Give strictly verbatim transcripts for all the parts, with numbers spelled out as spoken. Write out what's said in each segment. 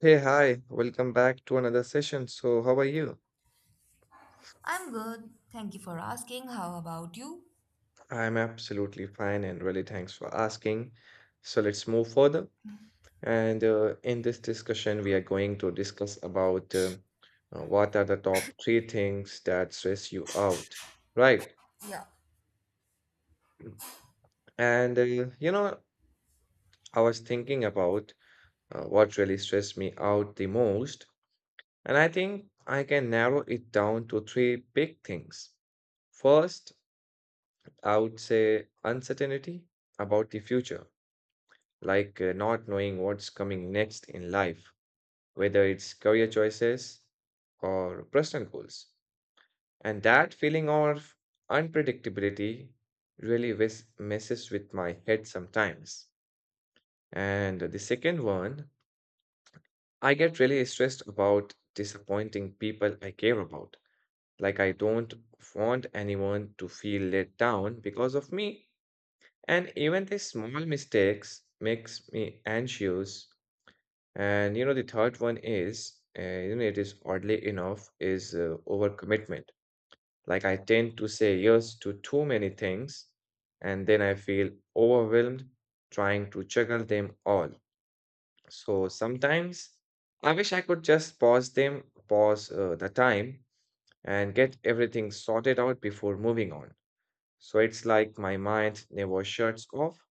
Hey, hi, welcome back to another session. So, how are you? I'm good. Thank you for asking. How about you? I'm absolutely fine and really thanks for asking. So, let's move further. And uh, In this discussion, we are going to discuss about uh, uh, what are the top three things that stress you out, right? Yeah. And uh, you know, I was thinking about uh, what really stressed me out the most, and I think I can narrow it down to three big things. First, I would say uncertainty about the future, like uh, not knowing what's coming next in life, whether it's career choices or personal goals. And that feeling of unpredictability really wes- messes with my head sometimes. And the second one, I get really stressed about disappointing people I care about. Like, I don't want anyone to feel let down because of me. And even these small mistakes makes me anxious. And you know, the third one is, uh, you know, it is oddly enough, is uh, overcommitment. Like I tend to say yes to too many things, and then I feel overwhelmed trying to juggle them all. So sometimes I wish I could just pause them, pause uh, the time, and get everything sorted out before moving on. So it's like my mind never shuts off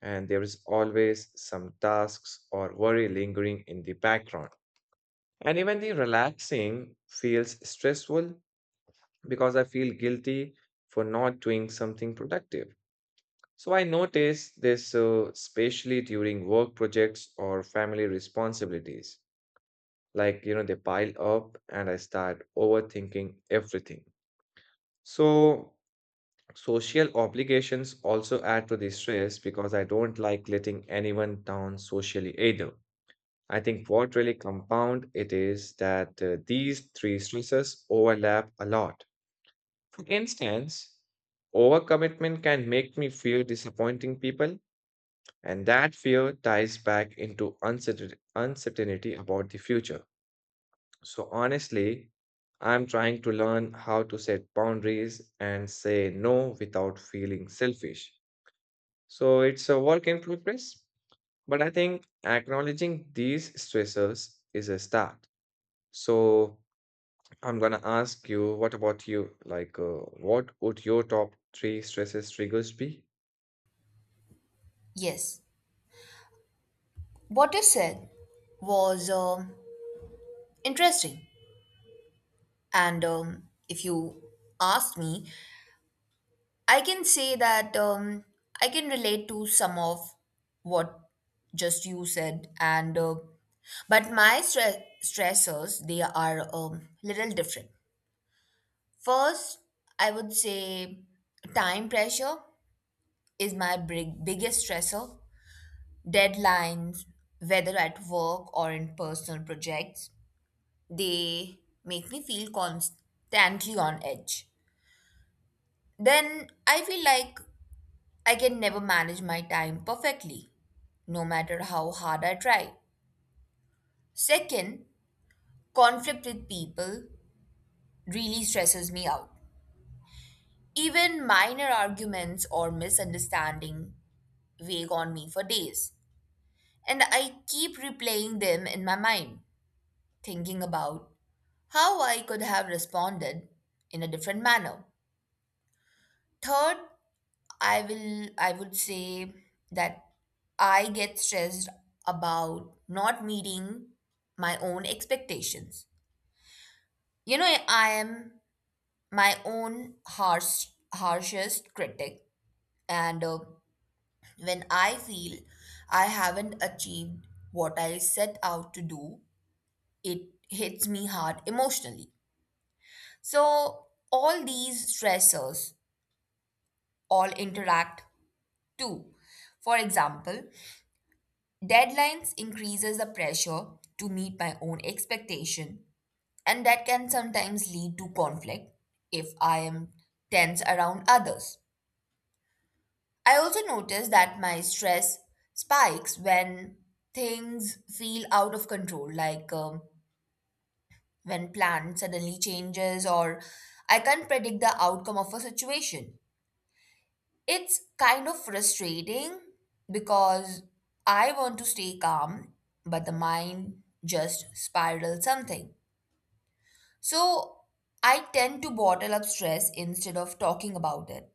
and there is always some tasks or worry lingering in the background. And even the relaxing feels stressful because I feel guilty for not doing something productive. So I notice this uh, especially during work projects or family responsibilities. Like, you know, they pile up and I start overthinking everything. So social obligations also add to the stress because I don't like letting anyone down socially either. I think what really compound it is that uh, these three stresses overlap a lot. For instance, overcommitment can make me fear disappointing people, and that fear ties back into uncertain- uncertainty about the future. So honestly, I'm trying to learn how to set boundaries and say no without feeling selfish. So it's a work in progress, but I think acknowledging these stressors is a start. So I'm gonna ask you, what about you? Like, uh, what would your top three stresses triggers be? Yes. What you said was um, interesting. And um, if you ask me, I can say that um, I can relate to some of what just you said. And uh, but my stre- stressors they are um, little different. First, I would say time pressure is my big biggest stressor. Deadlines, whether at work or in personal projects, they make me feel constantly on edge. Then I feel like I can never manage my time perfectly, no matter how hard I try. Second, conflict with people really stresses me out. Even minor arguments or misunderstanding weigh on me for days, and I keep replaying them in my mind, thinking about how I could have responded in a different manner. Third, I will I would say that I get stressed about not meeting my own expectations. You know, I am my own harsh harshest critic, and uh, when I feel I haven't achieved what I set out to do, it hits me hard emotionally. So all these stressors all interact too. For example, deadlines increases the pressure to meet my own expectation, and that can sometimes lead to conflict if I am tense around others. I also notice that my stress spikes when things feel out of control, like um, when plan suddenly changes or I can't predict the outcome of a situation. It's kind of frustrating because I want to stay calm, but the mind just spirals something. So I tend to bottle up stress instead of talking about it,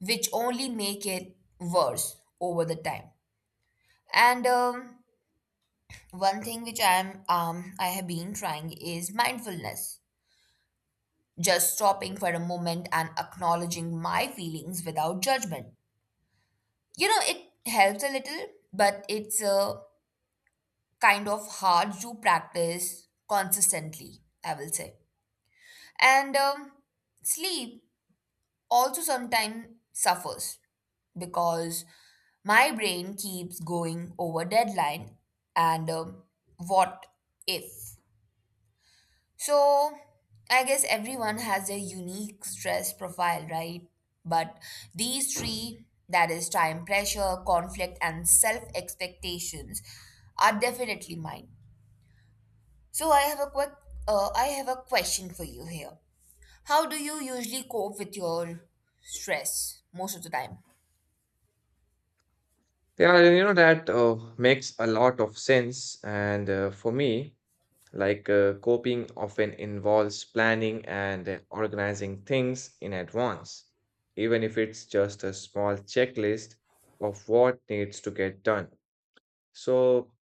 which only make it worse over the time. And um, one thing which I am um, I have been trying is mindfulness, just stopping for a moment and acknowledging my feelings without judgment. You know, it helps a little, but it's a kind of hard you practice consistently, I will say. And um, sleep also sometimes suffers because my brain keeps going over deadline and um, what if. So I guess everyone has a unique stress profile, right? But these three, that is time pressure, conflict, and self expectations, are definitely mine. So I have a quick, uh, I have a question for you here. How do you usually cope with your stress most of the time? Yeah, you know that uh, makes a lot of sense. And uh, For me, like uh, coping often involves planning and uh, organizing things in advance, even if it's just a small checklist of what needs to get done. So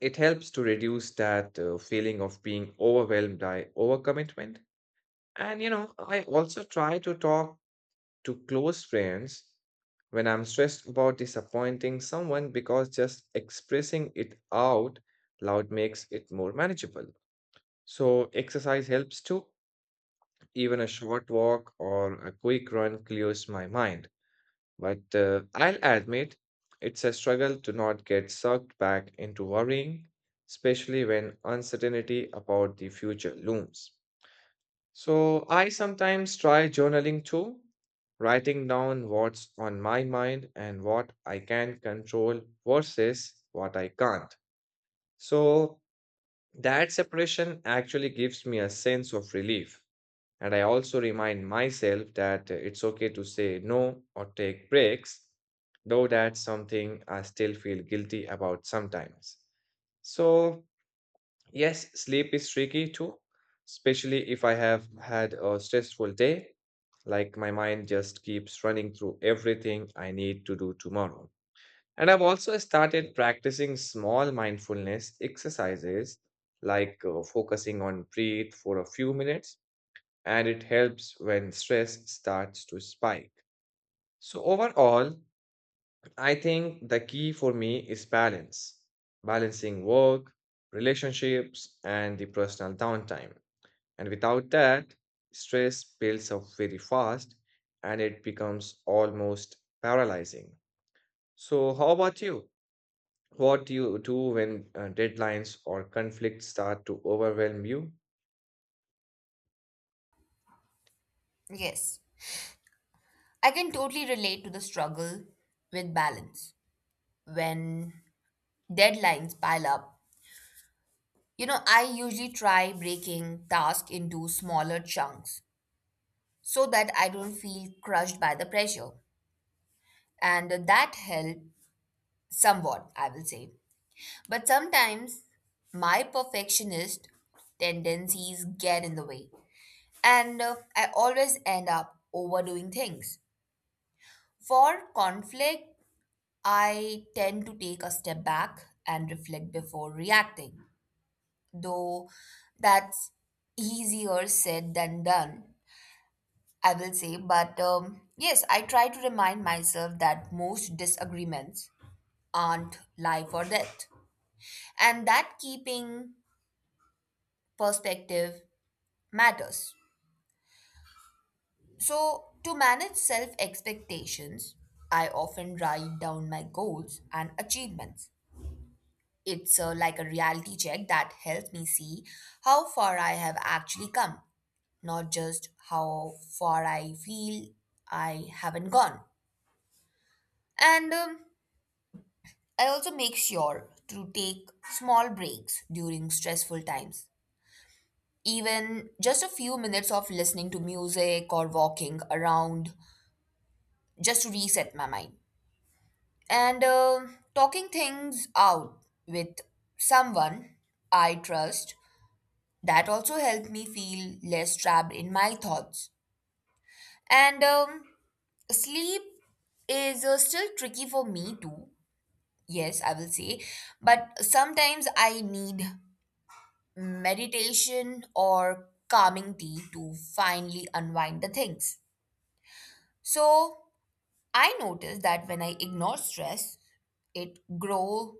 it helps to reduce that uh, feeling of being overwhelmed by overcommitment. And you know, I also try to talk to close friends when I'm stressed about disappointing someone because just expressing it out loud makes it more manageable. So, exercise helps too. Even a short walk or a quick run clears my mind. But uh, I'll admit, it's a struggle to not get sucked back into worrying, especially when uncertainty about the future looms. So I sometimes try journaling too, writing down what's on my mind and what I can control versus what I can't. So that separation actually gives me a sense of relief. And I also remind myself that uh, it's okay to say no or take breaks, though that's something I still feel guilty about sometimes. So yes, sleep is tricky too, especially if I have had a stressful day. Like my mind just keeps running through everything I need to do tomorrow. And I've also started practicing small mindfulness exercises, like uh, focusing on breathe for a few minutes, and it helps when stress starts to spike. So, overall, I think the key for me is balance, balancing work, relationships, and the personal downtime. And without that, stress builds up very fast and it becomes almost paralyzing. So, how about you? What do you do when uh, deadlines or conflicts start to overwhelm you? Yes, I can totally relate to the struggle with balance when deadlines pile up. You know, I usually try breaking tasks into smaller chunks so that I don't feel crushed by the pressure, and that helped somewhat, I will say. But sometimes my perfectionist tendencies get in the way, and uh, I always end up overdoing things. For conflict, I tend to take a step back and reflect before reacting, though that's easier said than done, I will say. But um, yes, I try to remind myself that most disagreements aren't life or death, and that keeping perspective matters. So, to manage self expectations, I often write down my goals and achievements. It's uh, like a reality check that helps me see how far I have actually come, not just how far I feel I haven't gone. And um, I also make sure to take small breaks during stressful times. Even just a few minutes of listening to music or walking around just to reset my mind. And uh, talking things out with someone I trust, that also helped me feel less trapped in my thoughts. And um, sleep is uh, still tricky for me too. Yes, I will say. But sometimes I need meditation or calming tea to finally unwind the things. So I notice that when I ignore stress, it grow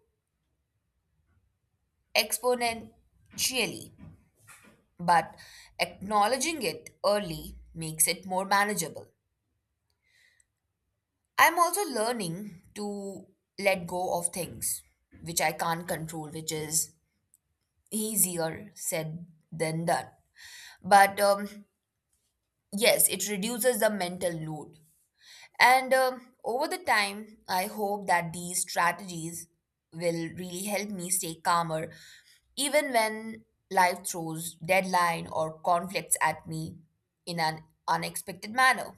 exponentially, but acknowledging it early makes it more manageable. I'm also learning to let go of things which I can't control, which is easier said than done. But um, yes, it reduces the mental load. And um, over the time, I hope that these strategies will really help me stay calmer, even when life throws deadline or conflicts at me in an unexpected manner.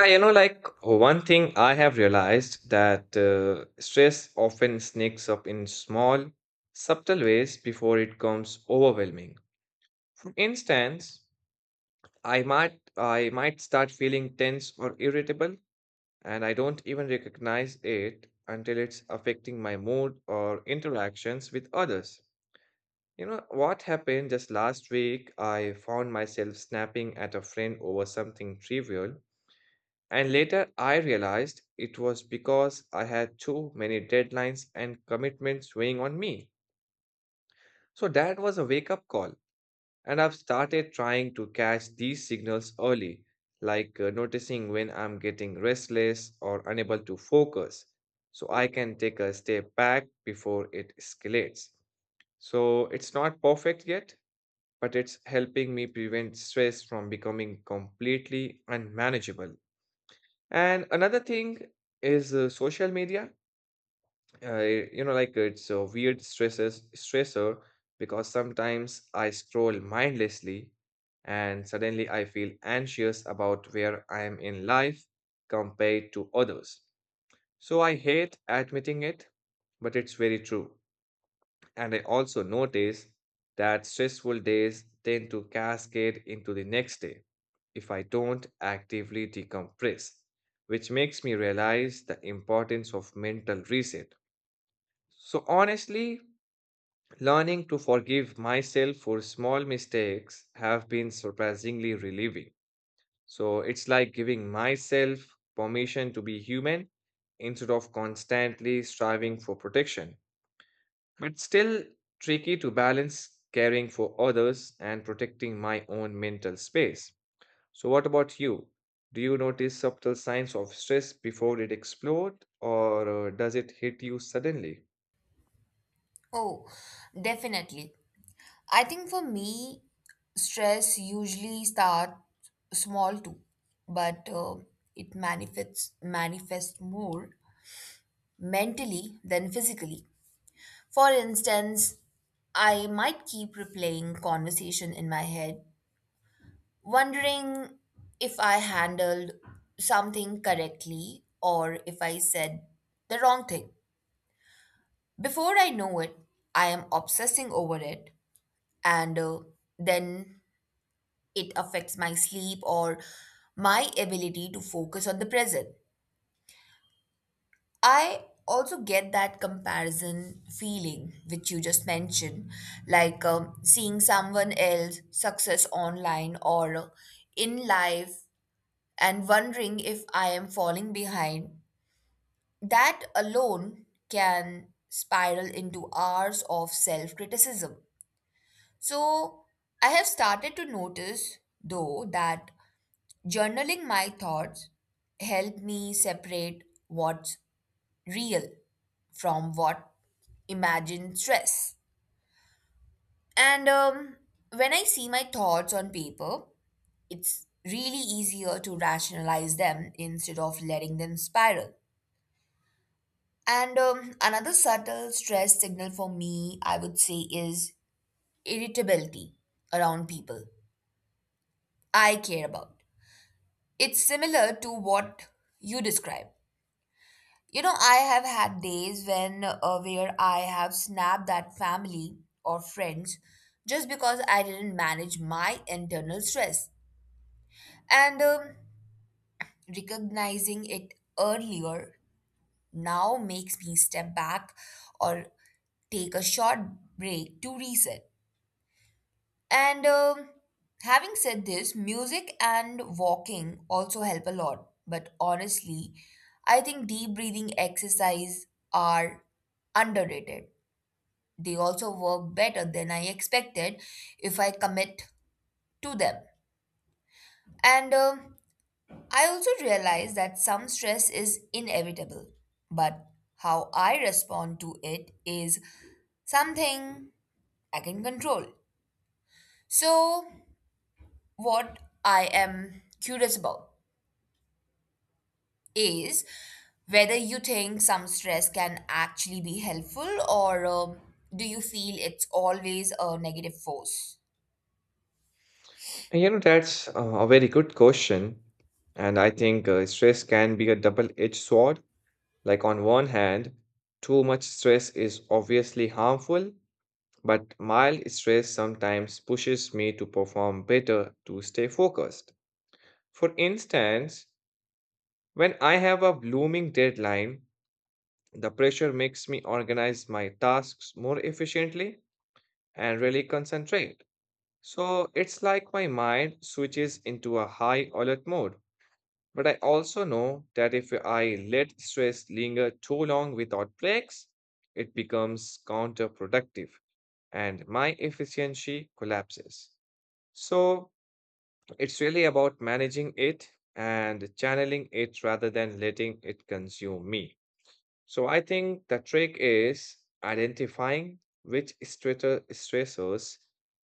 I, you know, like one thing I have realized that uh, stress often sneaks up in small, subtle ways before it becomes overwhelming. For instance, I might I might start feeling tense or irritable and I don't even recognize it until it's affecting my mood or interactions with others. You know, what happened just last week, I found myself snapping at a friend over something trivial, and later I realized it was because I had too many deadlines and commitments weighing on me. So that was a wake up call. And I've started trying to catch these signals early, like uh, noticing when I'm getting restless or unable to focus, so I can take a step back before it escalates. So it's not perfect yet, but it's helping me prevent stress from becoming completely unmanageable. And another thing is uh, social media uh, you know, like it's a weird stresses stressor because sometimes I scroll mindlessly and suddenly I feel anxious about where I am in life compared to others. So I hate admitting it, but it's very true. And I also notice that stressful days tend to cascade into the next day if I don't actively decompress, which makes me realize the importance of mental reset. So honestly, learning to forgive myself for small mistakes have been surprisingly relieving. So it's like giving myself permission to be human instead of constantly striving for protection. But still tricky to balance caring for others and protecting my own mental space. So what about you? Do you notice subtle signs of stress before it explodes or uh, does it hit you suddenly? Oh, definitely. I think for me, stress usually starts small too, but uh, it manifests manifests more mentally than physically. For instance, I might keep replaying conversation in my head, wondering if I handled something correctly or if I said the wrong thing. Before I know it, I am obsessing over it, and uh, then it affects my sleep or my ability to focus on the present. I also get that comparison feeling which you just mentioned, like um, seeing someone else success online or uh, in life and wondering if I am falling behind. That alone can spiral into hours of self criticism. So, I have started to notice, though, that journaling my thoughts helped me separate what's real from what imagined stress. And um, when I see my thoughts on paper, it's really easier to rationalize them instead of letting them spiral. And um, another subtle stress signal for me, I would say, is irritability around people I care about. It's similar to what you describe. You know, I have had days when uh, where I have snapped at family or friends just because I didn't manage my internal stress. And um, recognizing it earlier now makes me step back or take a short break to reset. And um, having said this, music and walking also help a lot. But honestly, I think deep breathing exercise are underrated. They also work better than I expected if I commit to them. And um I also realize that some stress is inevitable, but how I respond to it is something I can control. So, what I am curious about is whether you think some stress can actually be helpful, or um, do you feel it's always a negative force? You know, that's uh, a very good question. And I think uh, stress can be a double-edged sword. Like, on one hand, too much stress is obviously harmful, but mild stress sometimes pushes me to perform better to stay focused. For instance, when I have a blooming deadline, the pressure makes me organize my tasks more efficiently and really concentrate. So it's like my mind switches into a high alert mode. But I also know that if I let stress linger too long without breaks, it becomes counterproductive and my efficiency collapses. So it's really about managing it and channeling it rather than letting it consume me. So I think the trick is identifying which stressor- stressors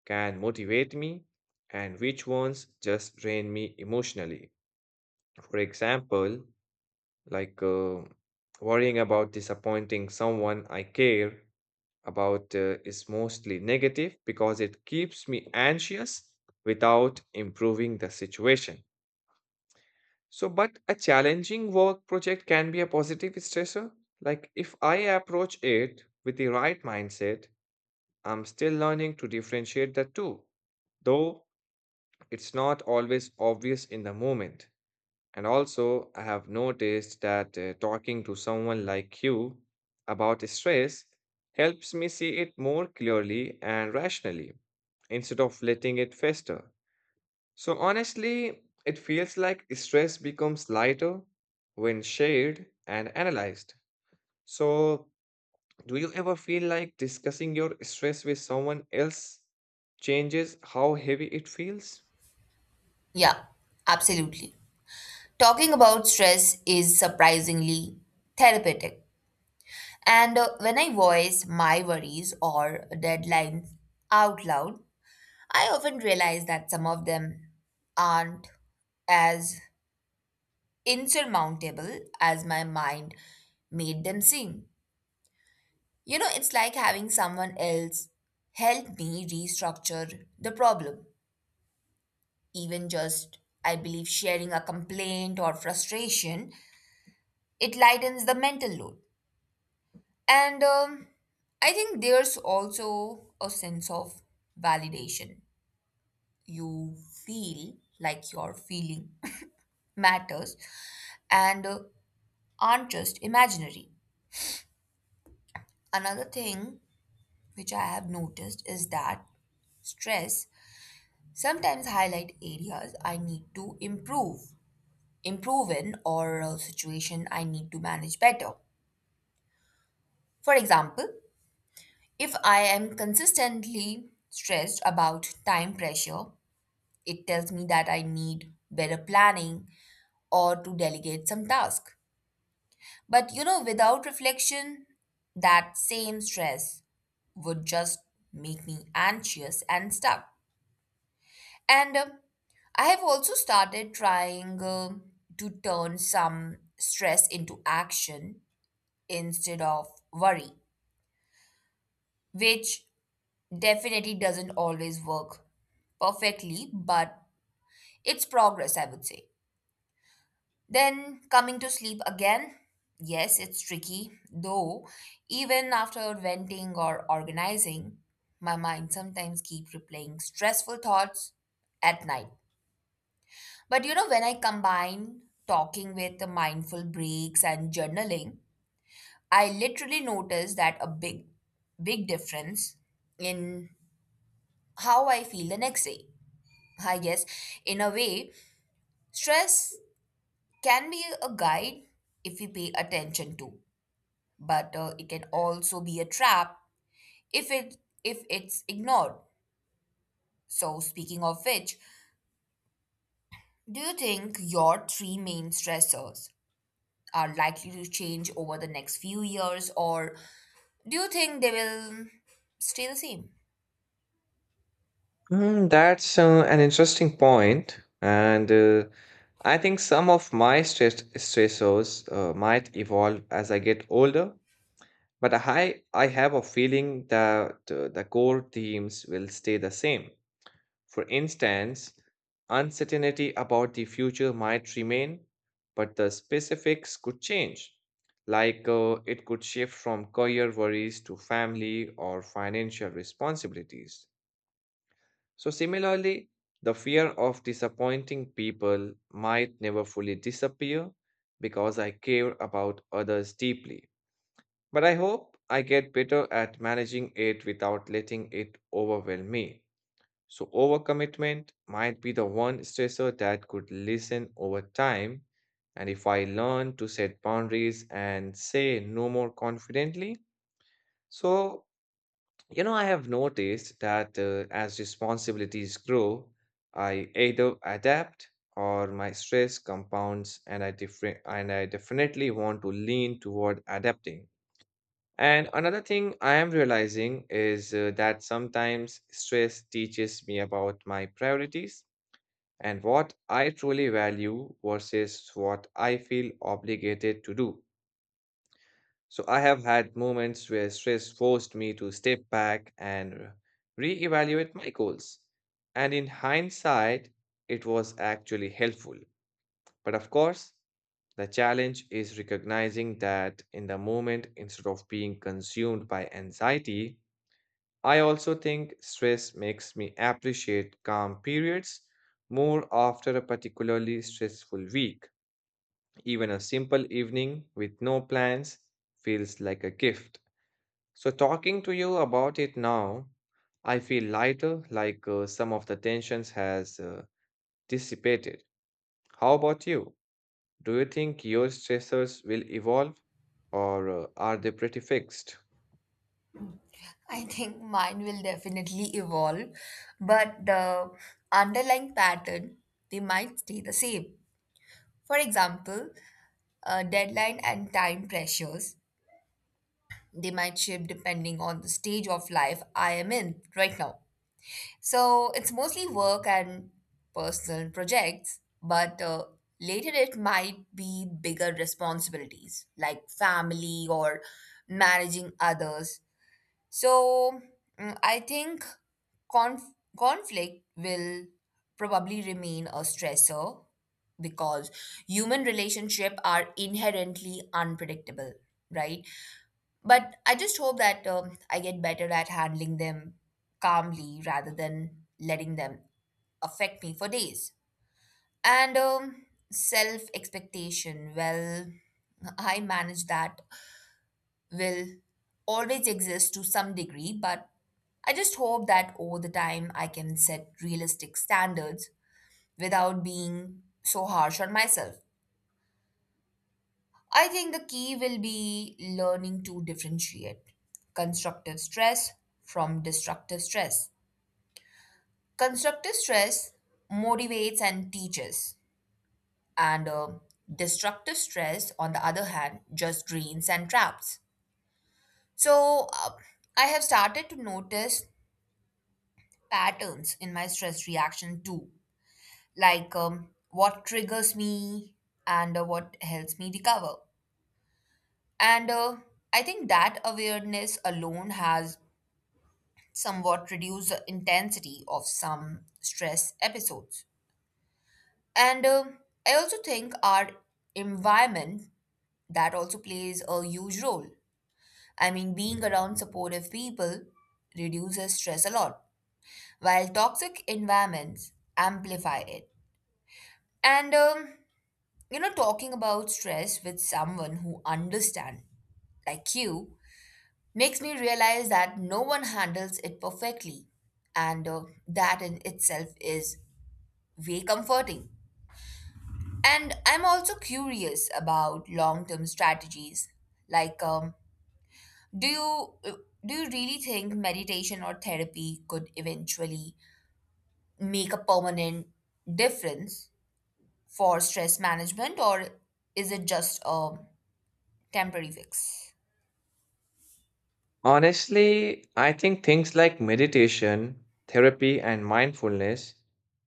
can motivate me and which ones just drain me emotionally. For example, like uh, worrying about disappointing someone I care about uh, is mostly negative because it keeps me anxious without improving the situation. So, but a challenging work project can be a positive stressor. Like, if I approach it with the right mindset, I'm still learning to differentiate the two, though it's not always obvious in the moment. And also, I have noticed that uh, talking to someone like you about stress helps me see it more clearly and rationally instead of letting it fester. So, honestly, it feels like stress becomes lighter when shared and analyzed. So, do you ever feel like discussing your stress with someone else changes how heavy it feels? Yeah, absolutely. Talking about stress is surprisingly therapeutic. And uh, when I voice my worries or deadlines out loud, I often realize that some of them aren't as insurmountable as my mind made them seem. You know, it's like having someone else help me restructure the problem. Even just, I believe, sharing a complaint or frustration, it lightens the mental load. And um, I think there's also a sense of validation. You feel like your feeling matters and uh, aren't just imaginary. Another thing which I have noticed is that stress sometimes highlight areas I need to improve, improve in, or a situation I need to manage better. For example, if I am consistently stressed about time pressure, it tells me that I need better planning or to delegate some task. But you know, without reflection, that same stress would just make me anxious and stuck. And um, I have also started trying um to turn some stress into action instead of worry, which definitely doesn't always work perfectly, but it's progress, I would say. Then coming to sleep again, yes, it's tricky, though even after venting or organizing, my mind sometimes keep replaying stressful thoughts at night. But you know, when I combine talking with the mindful breaks and journaling, I literally notice that a big, big difference in how I feel the next day. I guess, in a way, stress can be a guide if we pay attention to, but uh, it can also be a trap if it if it's ignored. So speaking of which, do you think your three main stressors are likely to change over the next few years, or do you think they will stay the same? Mm, that's uh, an interesting point, and uh, I think some of my stress stressors uh, might evolve as I get older. But I I have a feeling that uh, the core themes will stay the same. For instance, uncertainty about the future might remain, but the specifics could change. Like uh, it could shift from career worries to family or financial responsibilities. So, similarly, the fear of disappointing people might never fully disappear because I care about others deeply. But I hope I get better at managing it without letting it overwhelm me. So, overcommitment might be the one stressor that could lessen over time. And if I learn to set boundaries and say no more confidently, so you know, I have noticed that uh, as responsibilities grow, I either adapt or my stress compounds and I different and I definitely want to lean toward adapting. And another thing I am realizing is uh, that sometimes stress teaches me about my priorities and what I truly value versus what I feel obligated to do. So I have had moments where stress forced me to step back and reevaluate my goals. And in hindsight, it was actually helpful. But of course, the challenge is recognizing that in the moment, instead of being consumed by anxiety, I also think stress makes me appreciate calm periods more after a particularly stressful week. Even a simple evening with no plans feels like a gift. So, talking to you about it now, I feel lighter, like uh, some of the tensions has uh, dissipated. How about you? Do you think your stressors will evolve or uh, are they pretty fixed? I think mine will definitely evolve, but the underlying pattern they might stay the same. For example, uh, deadline and time pressures, they might shift depending on the stage of life I am in right now. So it's mostly work and personal projects, but uh, later it might be bigger responsibilities like family or managing others. So, mm, I think conf- conflict will probably remain a stressor because human relationships are inherently unpredictable, right? But I just hope that um, I get better at handling them calmly rather than letting them affect me for days. And um, self expectation, well, I manage that, will always exist to some degree, but I just hope that over the time I can set realistic standards without being so harsh on myself. I think the key will be learning to differentiate constructive stress from destructive stress. Constructive stress motivates and teaches, and uh, destructive stress, on the other hand, just drains and traps. So, uh, I have started to notice patterns in my stress reaction too, like um, what triggers me and uh, what helps me recover. And uh, I think that awareness alone has somewhat reduce the intensity of some stress episodes. And um I also think our environment that also plays a huge role. I mean, being around supportive people reduces stress a lot, while toxic environments amplify it. And um, you know, talking about stress with someone who understands, like you, makes me realize that no one handles it perfectly, and uh, that in itself is way comforting. And I'm also curious about long-term strategies. Like, um, do you do you really think meditation or therapy could eventually make a permanent difference for stress management, or is it just a temporary fix? Honestly, I think things like meditation, therapy, and mindfulness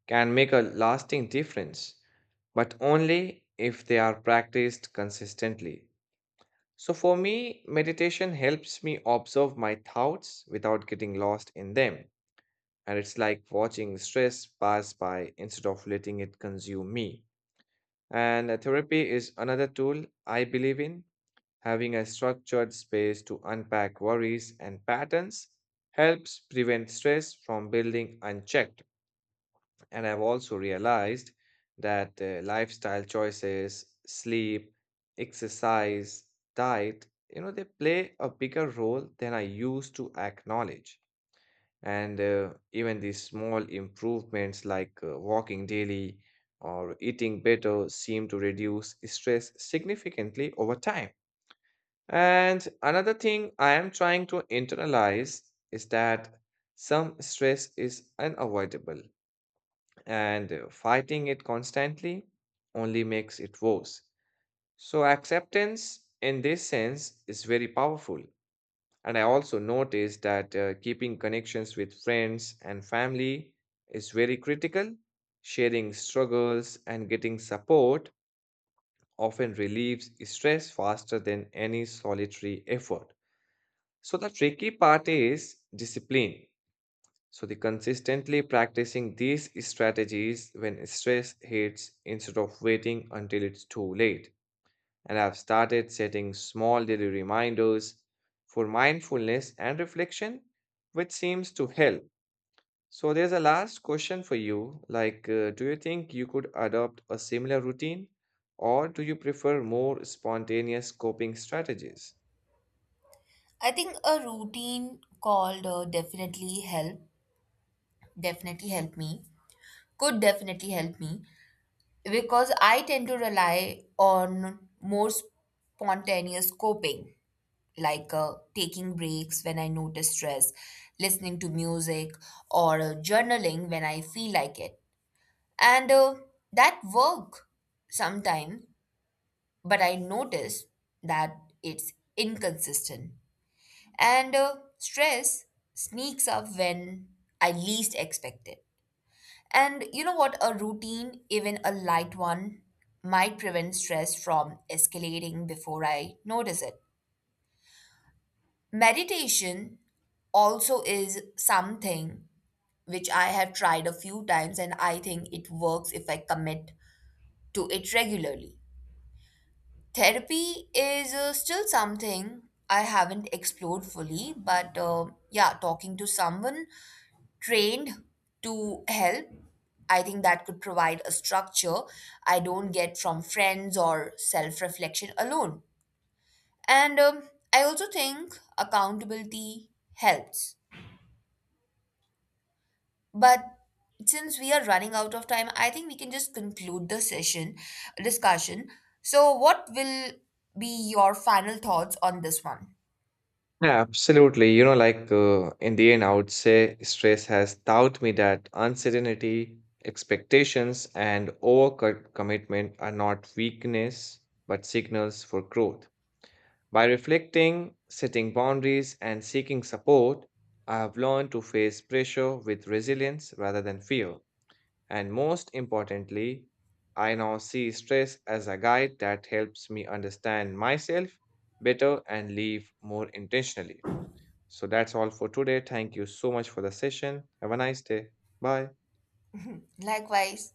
can make a lasting difference, but only if they are practiced consistently. So for me, meditation helps me observe my thoughts without getting lost in them. And it's like watching stress pass by instead of letting it consume me. And uh, therapy is another tool I believe in. Having a structured space to unpack worries and patterns helps prevent stress from building unchecked. And I've also realized that uh, lifestyle choices, sleep, exercise, diet, you know, they play a bigger role than I used to acknowledge. And uh, even these small improvements like uh, walking daily or eating better seem to reduce stress significantly over time. And another thing I am trying to internalize is that some stress is unavoidable and uh, fighting it constantly only makes it worse. So, acceptance in this sense is very powerful. And I also noticed that uh, keeping connections with friends and family is very critical. Sharing struggles and getting support often relieves stress faster than any solitary effort. So, the tricky part is discipline. So, the consistently practicing these strategies when stress hits instead of waiting until it's too late. And I've started setting small daily reminders for mindfulness and reflection, which seems to help. So, there's a last question for you like, uh, do you think you could adopt a similar routine, or do you prefer more spontaneous coping strategies? I think a routine called uh, definitely help definitely help me could definitely help me because I tend to rely on more spontaneous coping, like uh, taking breaks when I notice stress, listening to music, or uh, journaling when I feel like it. And uh, that work sometimes, but I notice that it's inconsistent. And uh, stress sneaks up when I least expect it. And you know what? A routine, even a light one, might prevent stress from escalating before I notice it. Meditation also is something which I have tried a few times, and I think it works if I commit to it regularly. Therapy is uh, still something I haven't explored fully, but uh, yeah, talking to someone trained to help, I think that could provide a structure I don't get from friends or self reflection alone. And um, I also think accountability helps. But since we are running out of time, I think we can just conclude the session discussion. So, what will be your final thoughts on this one? Yeah, absolutely. You know, like uh, in the end, I would say stress has taught me that uncertainty, expectations, and overcommitment are not weakness, but signals for growth. By reflecting, setting boundaries, and seeking support, I have learned to face pressure with resilience rather than fear. And most importantly, I now see stress as a guide that helps me understand myself better and live more intentionally. So that's all for today. Thank you so much for the session. Have a nice day. Bye. Likewise.